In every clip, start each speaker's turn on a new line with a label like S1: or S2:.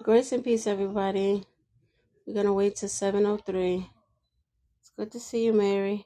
S1: Grace and peace, everybody. We're gonna wait till seven oh three. It's good to see you, Mary.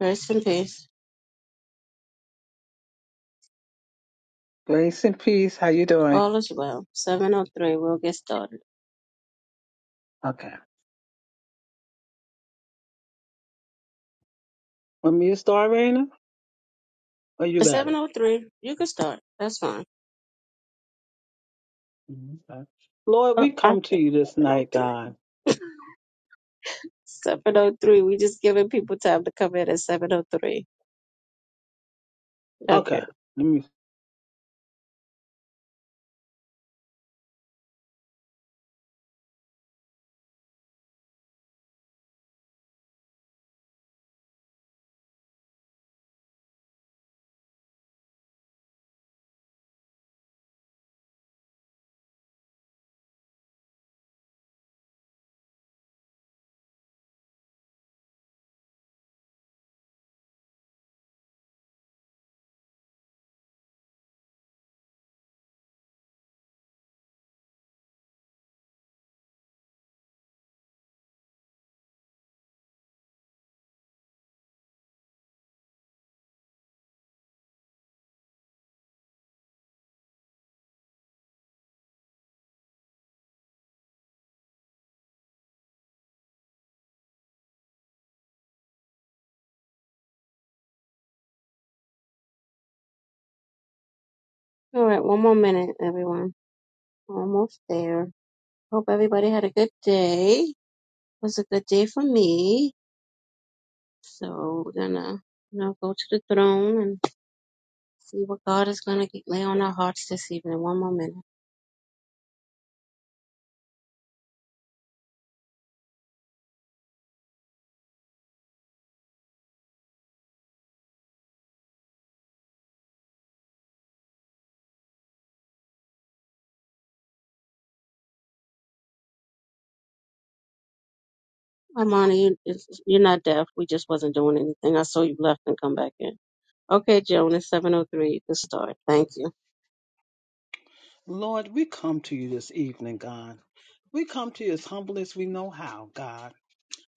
S1: Grace and peace.
S2: Grace and peace. How you doing?
S1: All is well. Seven oh three. We'll get started.
S2: Okay. Want me to start, Raina? Or you
S1: At
S2: got
S1: Seven
S2: it?
S1: oh three. You can start. That's fine.
S2: Mhm. Okay. Lord,
S1: Oh,
S2: we
S1: I
S2: come to
S1: said
S2: you this
S1: seven oh
S2: night,
S1: three.
S2: God.
S1: Seven oh three. We just giving people time to come in at seven oh three.
S2: Okay.
S1: Okay.
S2: Let me.
S1: All right. One more minute, everyone. Almost there. Hope everybody had a good day. It was a good day for me. So we're gonna you know go to the throne and. See what God is going to lay on our hearts this evening. One more minute. Armani, you, it's- you're not deaf. We just wasn't doing anything. I saw you left and come back in. Okay, Joan, it's 7.03. You can start. Thank you.
S2: Lord, we come to you this evening, God. We come to you as humble as we know how, God.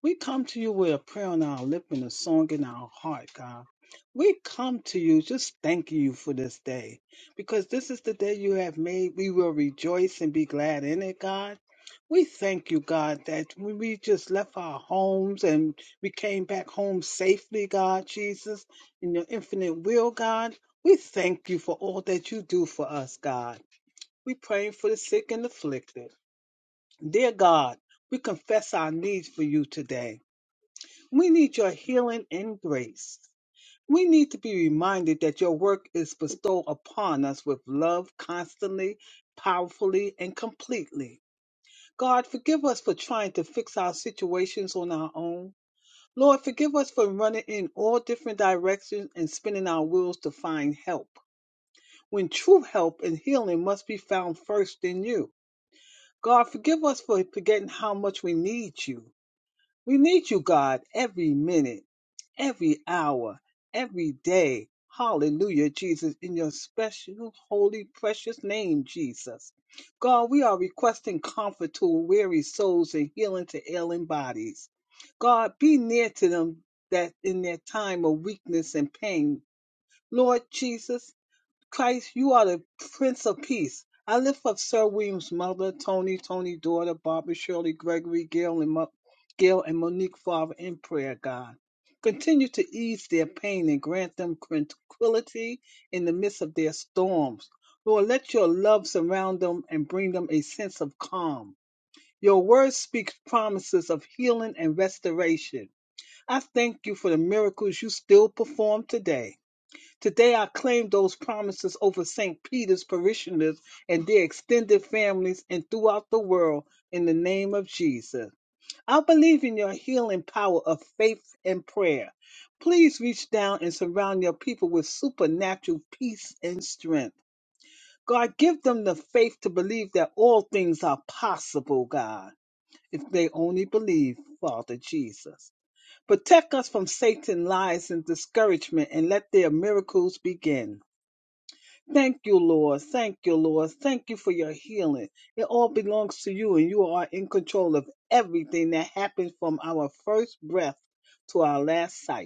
S2: We come to you with a prayer on our lip and a song in our heart, God. We come to you just thanking you for this day because this is the day you have made. We will rejoice and be glad in it, God. We thank you, God, that when we just left our homes and we came back home safely, God, Jesus, in your infinite will, God. We thank you for all that you do for us, God. We pray for the sick and afflicted. Dear God, we confess our needs for you today. We need your healing and grace. We need to be reminded that your work is bestowed upon us with love constantly, powerfully, and completely. God, forgive us for trying to fix our situations on our own. Lord, forgive us for running in all different directions and spinning our wheels to find help, when true help and healing must be found first in you. God, forgive us for forgetting how much we need you. We need you, God, every minute, every hour, every day. Hallelujah, Jesus, in your special, holy, precious name, Jesus. God, we are requesting comfort to weary souls and healing to ailing bodies. God, be near to them that in their time of weakness and pain. Lord Jesus, Christ, you are the Prince of Peace. I lift up Sir William's mother, Tony, Tony's daughter, Barbara, Shirley, Gregory, Gail, and, Mo- Gail, and Monique Father in prayer, God. Continue to ease their pain and grant them tranquility in the midst of their storms. Lord, let your love surround them and bring them a sense of calm. Your word speaks promises of healing and restoration. I thank you for the miracles you still perform today. Today I claim those promises over St. Peter's parishioners and their extended families and throughout the world in the name of Jesus. I believe in your healing power of faith and prayer. Please reach down and surround your people with supernatural peace and strength. God, give them the faith to believe that all things are possible, God, if they only believe, Father Jesus. Protect us from Satan's lies and discouragement and let their miracles begin. Thank you, Lord. Thank you, Lord. Thank you for your healing. It all belongs to you, and you are in control of everything that happens from our first breath to our last sight.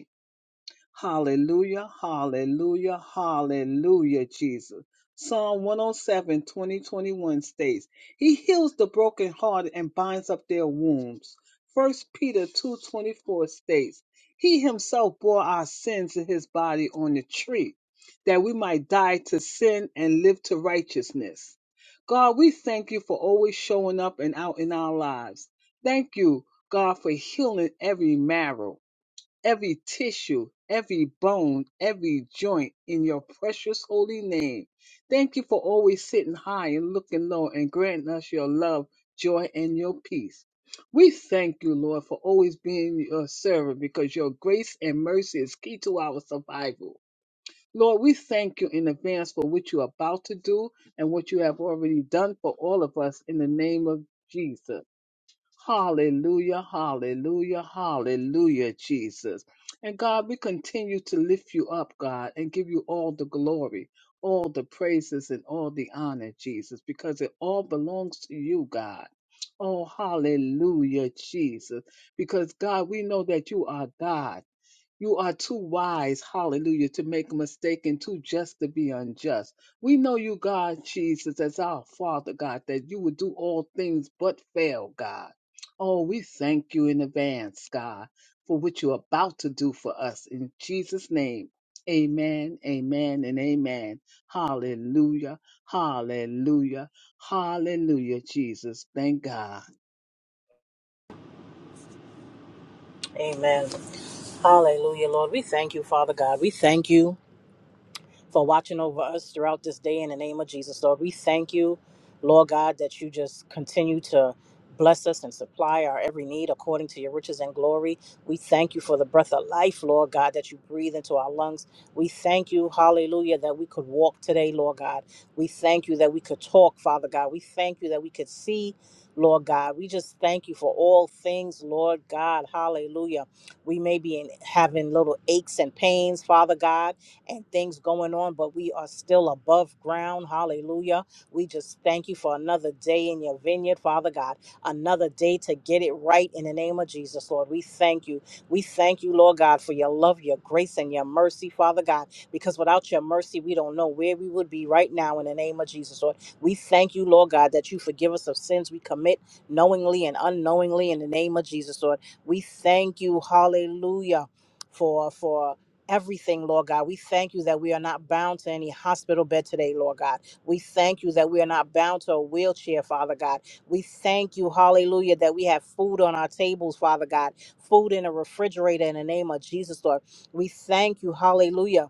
S2: Hallelujah, hallelujah, hallelujah, Jesus. Psalm 107, 21 states, He heals the brokenhearted and binds up their wounds. First Peter 2:24 states, He himself bore our sins in his body on the tree, that we might die to sin and live to righteousness. God, we thank you for always showing up and out in our lives. Thank you, God, for healing every marrow every tissue, every bone, every joint in your precious holy name. Thank you for always sitting high and looking low and granting us your love, joy, and your peace. We thank you, Lord, for always being your servant because your grace and mercy is key to our survival. Lord, we thank you in advance for what you're about to do and what you have already done for all of us in the name of Jesus. Hallelujah, hallelujah, hallelujah, Jesus. And God, we continue to lift you up, God, and give you all the glory, all the praises, and all the honor, Jesus, because it all belongs to you, God. Oh, hallelujah, Jesus. Because, God, we know that you are God. You are too wise, hallelujah, to make a mistake and too just to be unjust. We know you, God, Jesus, as our Father, God, that you would do all things but fail, God. Oh, we thank you in advance, God, for what you're about to do for us. In Jesus' name, amen, amen, and amen. Hallelujah, hallelujah, hallelujah, Jesus. Thank God.
S3: Amen. Hallelujah, Lord. We thank you, Father God. We thank you for watching over us throughout this day in the name of Jesus, Lord. We thank you, Lord God, that you just continue to bless us and supply our every need according to your riches and glory. We thank you for the breath of life, Lord God, that you breathe into our lungs. We thank you, hallelujah, that we could walk today, Lord God. We thank you that we could talk, Father God. We thank you that we could see. Lord God, we just thank you for all things, Lord God. Hallelujah. We may be in, having little aches and pains, Father God and things going on, but we are still above ground. Hallelujah. We just thank you for another day in your vineyard, Father God, another day to get it right in the name of Jesus, Lord. We thank you. We thank you, Lord God, for your love, your grace, and your mercy, Father God, because without your mercy, we don't know where we would be right now in the name of Jesus, Lord. We thank you, Lord God, that you forgive us of sins we commit knowingly and unknowingly in the name of Jesus, Lord. We thank you, hallelujah. For for everything, Lord God. We thank you that we are not bound to any hospital bed today, Lord God. We thank you that we are not bound to a wheelchair, Father God. We thank you, hallelujah, that we have food on our tables, Father God, food in a refrigerator in the name of Jesus, Lord. We thank you, hallelujah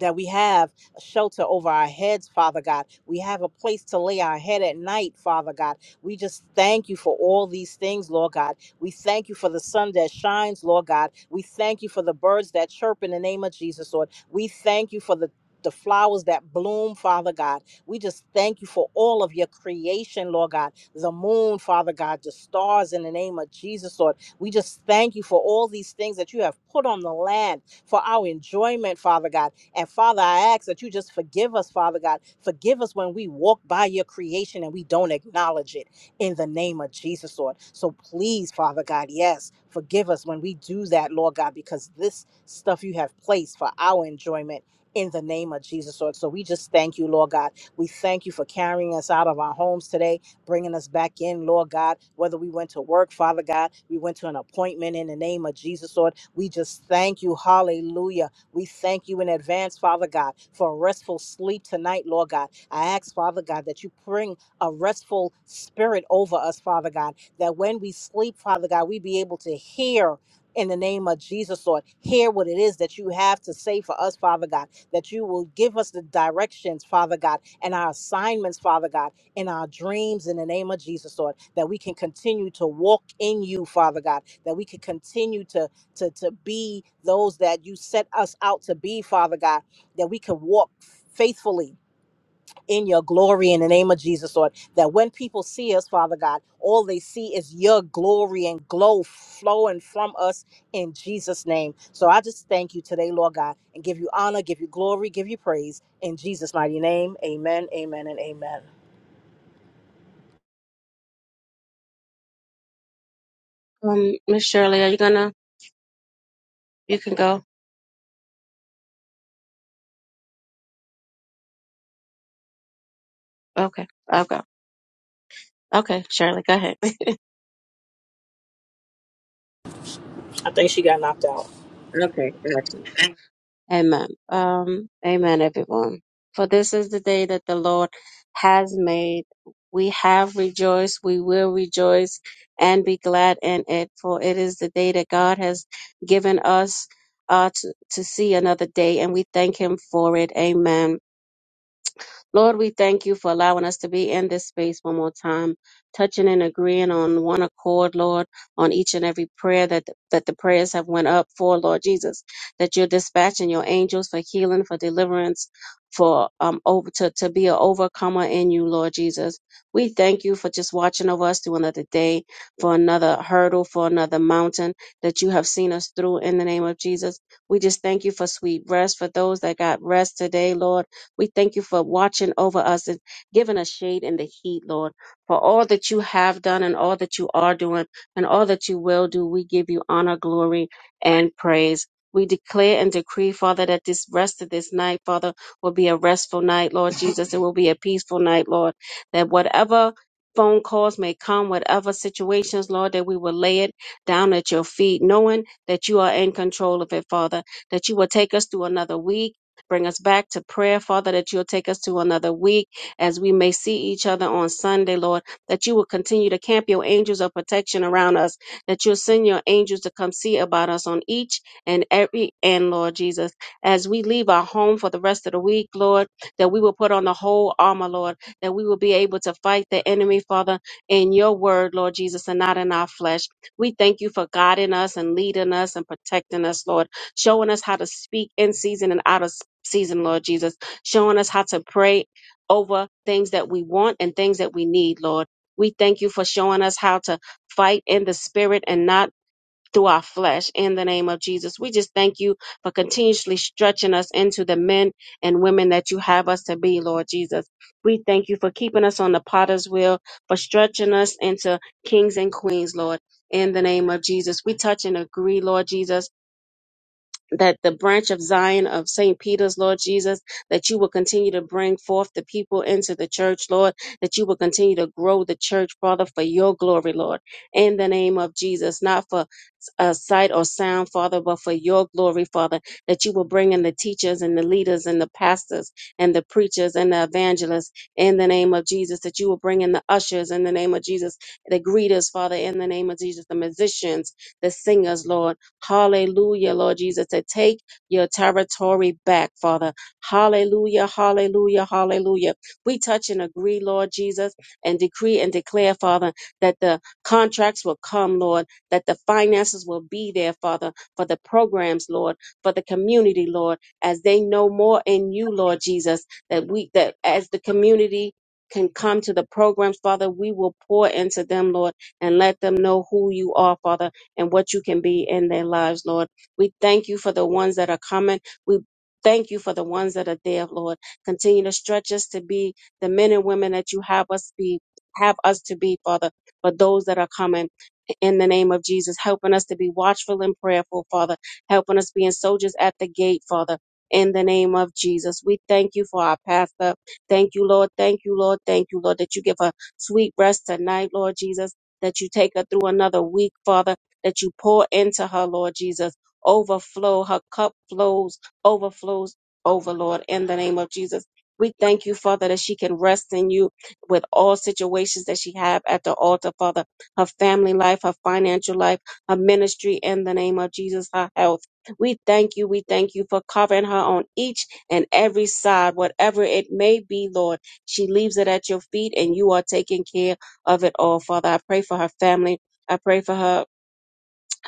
S3: that we have a shelter over our heads, Father God. We have a place to lay our head at night, Father God. We just thank you for all these things, Lord God. We thank you for the sun that shines, Lord God. We thank you for the birds that chirp in the name of Jesus, Lord. We thank you for the the flowers that bloom, Father God. We just thank you for all of your creation, Lord God. The moon, Father God, the stars in the name of Jesus, Lord. We just thank you for all these things that you have put on the land for our enjoyment, Father God. And Father, I ask that you just forgive us, Father God. Forgive us when we walk by your creation and we don't acknowledge it in the name of Jesus, Lord. So please, Father God, yes, forgive us when we do that, Lord God, because this stuff you have placed for our enjoyment. In the name of Jesus, Lord. So we just thank you, Lord God. We thank you for carrying us out of our homes today bringing us back in, Lord God. Whether we went to work, Father God, we went to an appointment in the name of Jesus, Lord. We just thank you, hallelujah, we thank you in advance, Father God, for restful sleep tonight, Lord God. I ask, Father God, that you bring a restful spirit over us, Father God, that when we sleep, Father God, we be able to hear. In the name of Jesus, Lord, hear what it is that you have to say for us, Father God, that you will give us the directions, Father God, and our assignments, Father God, in our dreams, in the name of Jesus, Lord, that we can continue to walk in you, Father God, that we can continue to to, to be those that you set us out to be, Father God, that we can walk faithfully in your glory in the name of Jesus, Lord. That when people see us, Father God, all they see is your glory and glow flowing from us in Jesus' name. So I just thank you today, Lord God, and give you honor, give you glory, give you praise in Jesus' mighty name. Amen, amen, and amen.
S1: Um, Miss Shirley, are you going to? You can go. Okay, I'll go. Okay, Shirley, go ahead.
S3: I think she got knocked out.
S1: okay, gotcha. Amen. Um, amen, everyone. For this is the day that the Lord has made. We have rejoiced. We will rejoice and be glad in it. For it is the day that God has given us uh, to, to see another day, and we thank Him for it. Amen. Lord, we thank you for allowing us to be in this space one more time, touching and agreeing on one accord, Lord, on each and every prayer that that the prayers have went up for, Lord Jesus, that you're dispatching your angels for healing, for deliverance, for um over to, to be an overcomer in you, Lord Jesus. We thank you for just watching over us through another day, for another hurdle, for another mountain that you have seen us through in the name of Jesus. We just thank you for sweet rest for those that got rest today, Lord we thank you for watching over us and giving us shade in the heat, Lord. For all that you have done and all that you are doing and all that you will do, we give you honor, glory, and praise. We declare and decree, Father, that this rest of this night, Father, will be a restful night, Lord Jesus. It will be a peaceful night, Lord. That whatever phone calls may come, whatever situations, Lord, that we will lay it down at your feet, knowing that you are in control of it, Father, that you will take us through another week Bring us back to prayer, Father, that you'll take us to another week as we may see each other on Sunday, Lord, that you will continue to camp your angels of protection around us, that you'll send your angels to come see about us on each and every end, Lord Jesus. As we leave our home for the rest of the week, Lord, that we will put on the whole armor, Lord, that we will be able to fight the enemy, Father, in your word, Lord Jesus, and not in our flesh. We thank you for guiding us and leading us and protecting us, Lord showing us how to speak in season and out of season, Lord Jesus, showing us how to pray over things that we want and things that we need, Lord. We thank you for showing us how to fight in the spirit and not through our flesh in the name of Jesus. We just thank you for continuously stretching us into the men and women that you have us to be, Lord Jesus. We thank you for keeping us on the potter's wheel, for stretching us into kings and queens, Lord, in the name of Jesus. We touch and agree, Lord Jesus that the branch of Zion of St. Peter's, Lord Jesus, that you will continue to bring forth the people into the church, Lord, that you will continue to grow the church, Father, for your glory, Lord, in the name of Jesus, not for uh, sight or sound, Father, but for your glory, Father, that you will bring in the teachers and the leaders and the pastors and the preachers and the evangelists in the name of Jesus, that you will bring in the ushers in the name of Jesus, the greeters, Father, in the name of Jesus, the musicians, the singers, Lord Hallelujah, Lord Jesus, to take your territory back, Father. Hallelujah, hallelujah, hallelujah. We touch and agree, Lord Jesus, and decree and declare, Father, that the contracts will come, Lord, that the finances will be there, Father, for the programs, Lord, for the community, Lord, as they know more in you, Lord Jesus, that we, that as the community can come to the programs, Father, we will pour into them, Lord, and let them know who you are, Father and what you can be in their lives, Lord. We thank you for the ones that are coming. We thank you for the ones that are there, Lord. Continue to stretch us to be the men and women that you have us be, have us to be, Father, for those that are coming. In the name of Jesus, helping us to be watchful and prayerful, Father, helping us being soldiers at the gate, Father, in the name of Jesus. We thank you for our pastor. Thank you, Lord. Thank you, Lord. Thank you, Lord, that you give her sweet rest tonight, Lord Jesus, that you take her through another week, Father that you pour into her, Lord Jesus. Overflow, her cup flows, overflows over, Lord, in the name of Jesus. We thank you, Father, that she can rest in you with all situations that she have at the altar, Father. Her family life, her financial life, her ministry in the name of Jesus, her health. We thank you, we thank you for covering her on each and every side, whatever it may be, Lord. She leaves it at your feet and you are taking care of it all, Father. I pray for her family. I pray for her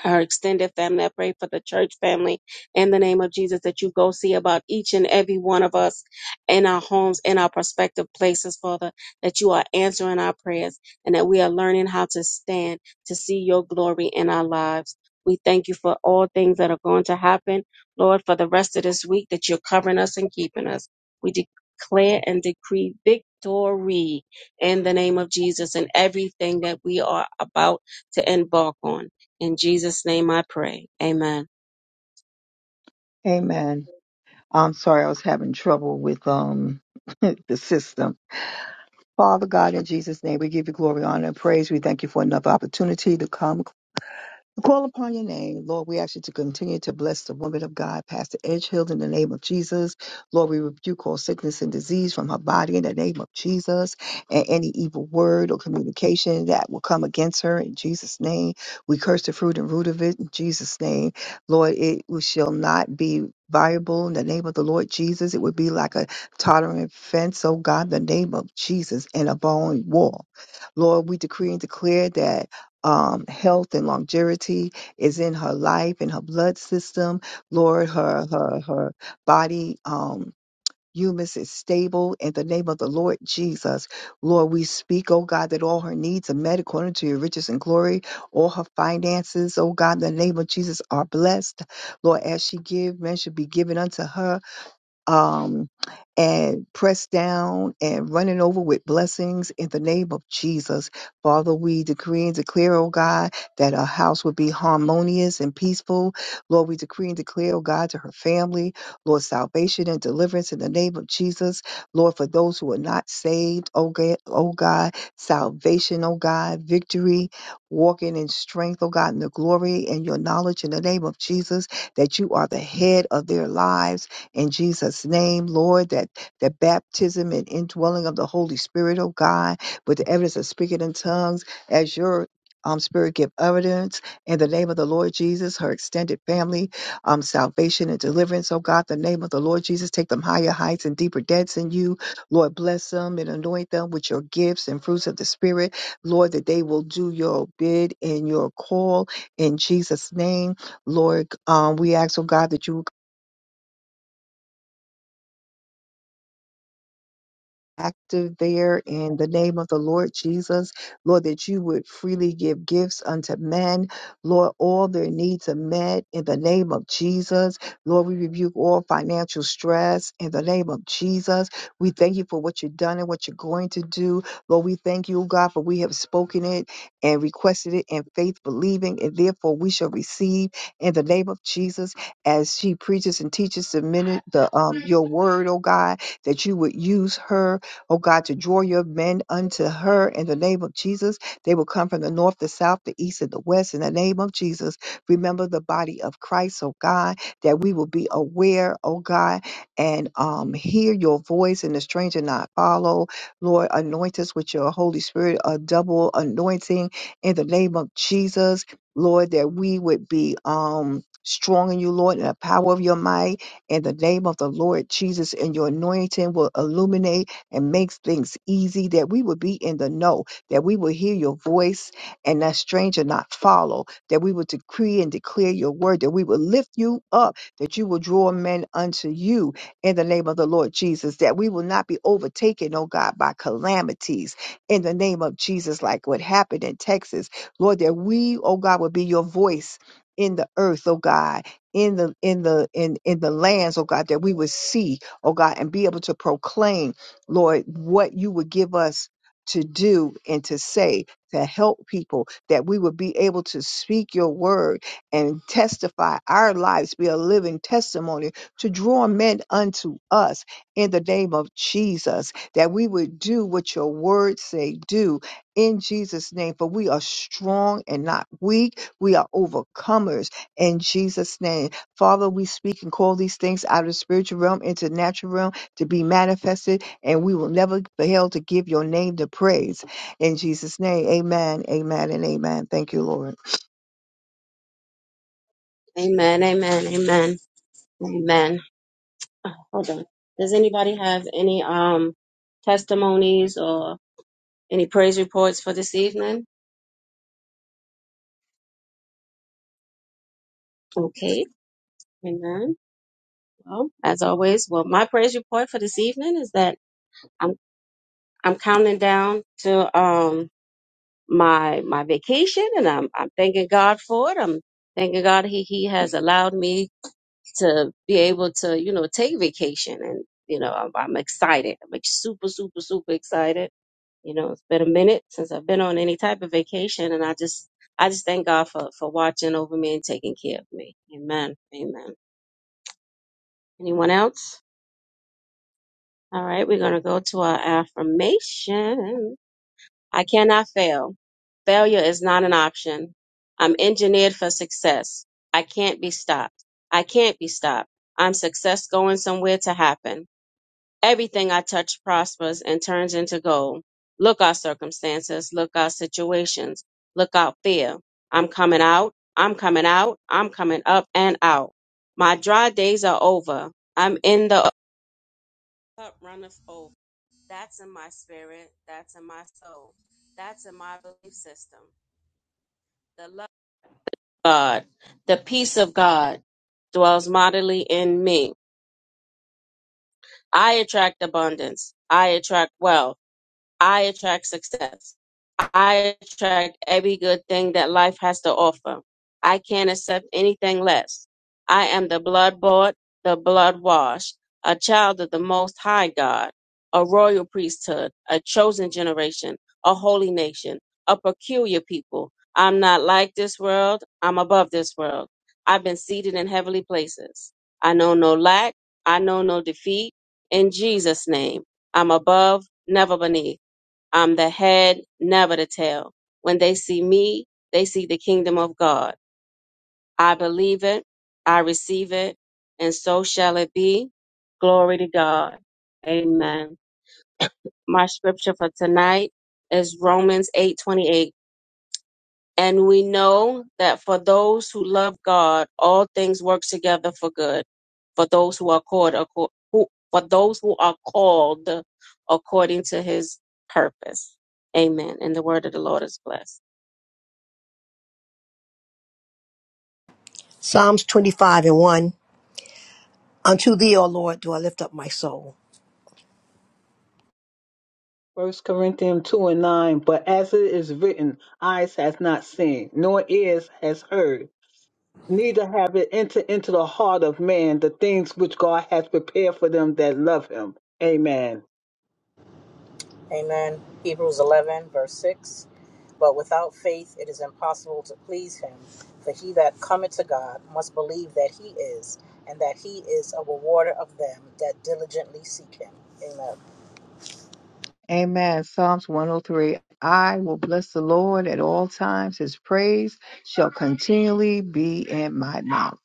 S1: her extended family. I pray for the church family in the name of Jesus that you go see about each and every one of us in our homes, in our prospective places, Father, that you are answering our prayers and that we are learning how to stand to see your glory in our lives. We thank you for all things that are going to happen, Lord, for the rest of this week that you're covering us and keeping us. We declare and decree victory in the name of Jesus in everything that we are about to embark on. In Jesus' name I pray. Amen.
S4: Amen. I'm sorry, I was having trouble with um the system. Father God, in Jesus' name, we give you glory, honor, and praise. We thank you for another opportunity to come we call upon your name. Lord, we ask you to continue to bless the woman of God, Pastor Edgehill, in the name of Jesus. Lord, we rebuke all sickness and disease from her body in the name of Jesus. And any evil word or communication that will come against her in Jesus' name. We curse the fruit and root of it in Jesus' name. Lord, it shall not be viable in the name of the Lord Jesus. It would be like a tottering fence, oh God, in the name of Jesus, and a bone wall. Lord, we decree and declare that um, health and longevity is in her life and her blood system. Lord, her her her body um humus is stable in the name of the Lord Jesus. Lord, we speak, oh God, that all her needs are met according to your riches and glory. All her finances, oh God, in the name of Jesus are blessed. Lord, as she give, men should be given unto her um, and pressed down and running over with blessings in the name of Jesus. Father, we decree and declare, oh God, that our house would be harmonious and peaceful. Lord, we decree and declare, oh God, to her family, Lord, salvation and deliverance in the name of Jesus. Lord, for those who are not saved, oh God, oh God salvation, oh God, victory, walking in strength, oh God, in the glory and your knowledge in the name of Jesus, that you are the head of their lives in Jesus' name, Lord, that the baptism and indwelling of the Holy Spirit, oh God, with the evidence of speaking in tongues as your um, spirit give evidence in the name of the Lord Jesus, her extended family, um, salvation and deliverance. Oh God, the name of the Lord Jesus, take them higher heights and deeper depths in you. Lord, bless them and anoint them with your gifts and fruits of the Spirit. Lord, that they will do your bid and your call in Jesus' name. Lord, um, we ask, oh God, that you active there in the name of the Lord Jesus. Lord, that you would freely give gifts unto men. Lord, all their needs are met in the name of Jesus. Lord, we rebuke all financial stress in the name of Jesus. We thank you for what you've done and what you're going to do. Lord, we thank you, God, for we have spoken it and requested it in faith, believing, and therefore we shall receive in the name of Jesus as she preaches and teaches the minute the um your word, oh God, that you would use her oh God, to draw your men unto her in the name of Jesus. They will come from the north, the south, the east, and the west in the name of Jesus. Remember the body of Christ, oh God, that we will be aware, oh God, and um, hear your voice and the stranger not follow. Lord, anoint us with your Holy Spirit, a double anointing in the name of Jesus. Lord, that we would be um strong in you, Lord, in the power of your might, in the name of the Lord Jesus, and your anointing will illuminate and makes things easy, that we would be in the know, that we will hear your voice and that stranger not follow, that we will decree and declare your word, that we will lift you up, that you will draw men unto you in the name of the Lord Jesus, that we will not be overtaken, oh God, by calamities in the name of Jesus, like what happened in Texas. Lord, that we, oh God, will be your voice in the earth, oh God. In the in the in in the lands, oh God, that we would see, oh God, and be able to proclaim Lord, what you would give us to do and to say to help people that we would be able to speak your word and testify our lives be a living testimony to draw men unto us in the name of Jesus that we would do what your word say do in Jesus name for we are strong and not weak we are overcomers in Jesus name Father we speak and call these things out of the spiritual realm into the natural realm to be manifested and we will never fail to give your name the praise. In Jesus' name, amen, amen, and amen. Thank you, Lord.
S1: Amen. Amen. Amen. Amen. Uh, Hold on. Does anybody have any um testimonies or any praise reports for this evening? Okay. Amen. Well, as always, well, my praise report for this evening is that I'm I'm counting down to um my my vacation and I'm I'm thanking God for it. I'm thanking God he he has allowed me to be able to, you know, take vacation. And, you know, I'm, I'm excited. I'm like super, super, super excited. You know, it's been a minute since I've been on any type of vacation and I just, I just thank God for, for watching over me and taking care of me. Amen. Amen. Anyone else? All right. We're going to go to our affirmation. I cannot fail. Failure is not an option. I'm engineered for success. I can't be stopped. I can't be stopped. I'm success going somewhere to happen. Everything I touch prospers and turns into gold. Look out, circumstances. Look out, situations. Look out, fear. I'm coming out. I'm coming out. I'm coming up and out. My dry days are over. I'm in the cup runneth over. That's in my spirit. That's in my soul. That's in my belief system. The love of God, the peace of God dwells mightily in me. I attract abundance. I attract wealth. I attract success. I attract every good thing that life has to offer. I can't accept anything less. I am the blood bought, the blood washed, a child of the Most High God, a royal priesthood, a chosen generation, a holy nation, a peculiar people. I'm not like this world, I'm above this world. I've been seated in heavenly places. I know no lack, I know no defeat. In Jesus' name, I'm above, never beneath. I'm the head, never the tail. When they see me, they see the kingdom of God. I believe it, I receive it, and so shall it be. Glory to God. Amen. My scripture for tonight is Romans 8:28. And we know that for those who love God, all things work together for good. For those who are called acco- who, for those who are called according to his purpose. Amen. And the word of the Lord is blessed.
S5: Psalms 25 and 1. Unto thee, O Lord, do I lift up my soul.
S2: First Corinthians two and nine, but as it is written, eyes has not seen, nor ears has heard, neither have it entered into the heart of man the things which God has prepared for them that love him. Amen.
S3: Amen. Hebrews 11, verse 6. But without faith it is impossible to please him. For he that cometh to God must believe that he is, and that he is a rewarder of them that diligently seek him. Amen.
S4: Amen. Psalms 103. I will bless the Lord at all times. His praise shall continually be in my mouth.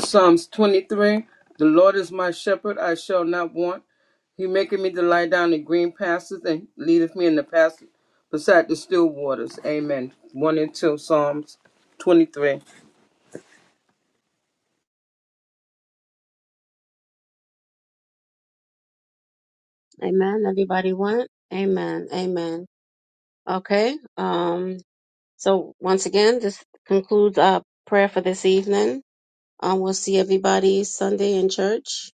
S6: Psalms 23 The Lord is my shepherd, I shall not want. He maketh me to lie down in green pastures and leadeth me in the pasture beside the still waters. Amen. 1 and 2 Psalms 23.
S1: Amen. Everybody went? Amen. Amen. Okay. Um, so once again, this concludes our prayer for this evening. Um, we'll see everybody Sunday in church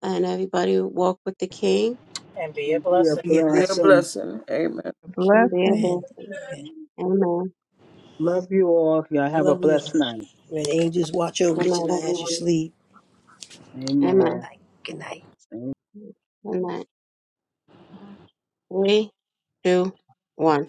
S1: and everybody walk with the King
S3: And be a
S2: And be a
S3: blessing.
S5: And be a
S6: Be a
S5: blessing.
S2: blessing.
S6: blessing. Amen.
S1: and their
S4: Blessing.
S5: Amen.
S1: blessing.
S5: Amen.
S1: Amen.
S2: Love you all. Y'all have a
S5: Love you. all.
S2: blessed night.
S5: May the angels watch over
S1: Good
S5: you
S1: night,
S5: tonight as you
S1: everyone.
S5: sleep.
S2: Amen.
S1: Amen.
S5: Night. Good night.
S1: Good night. Three, two, one.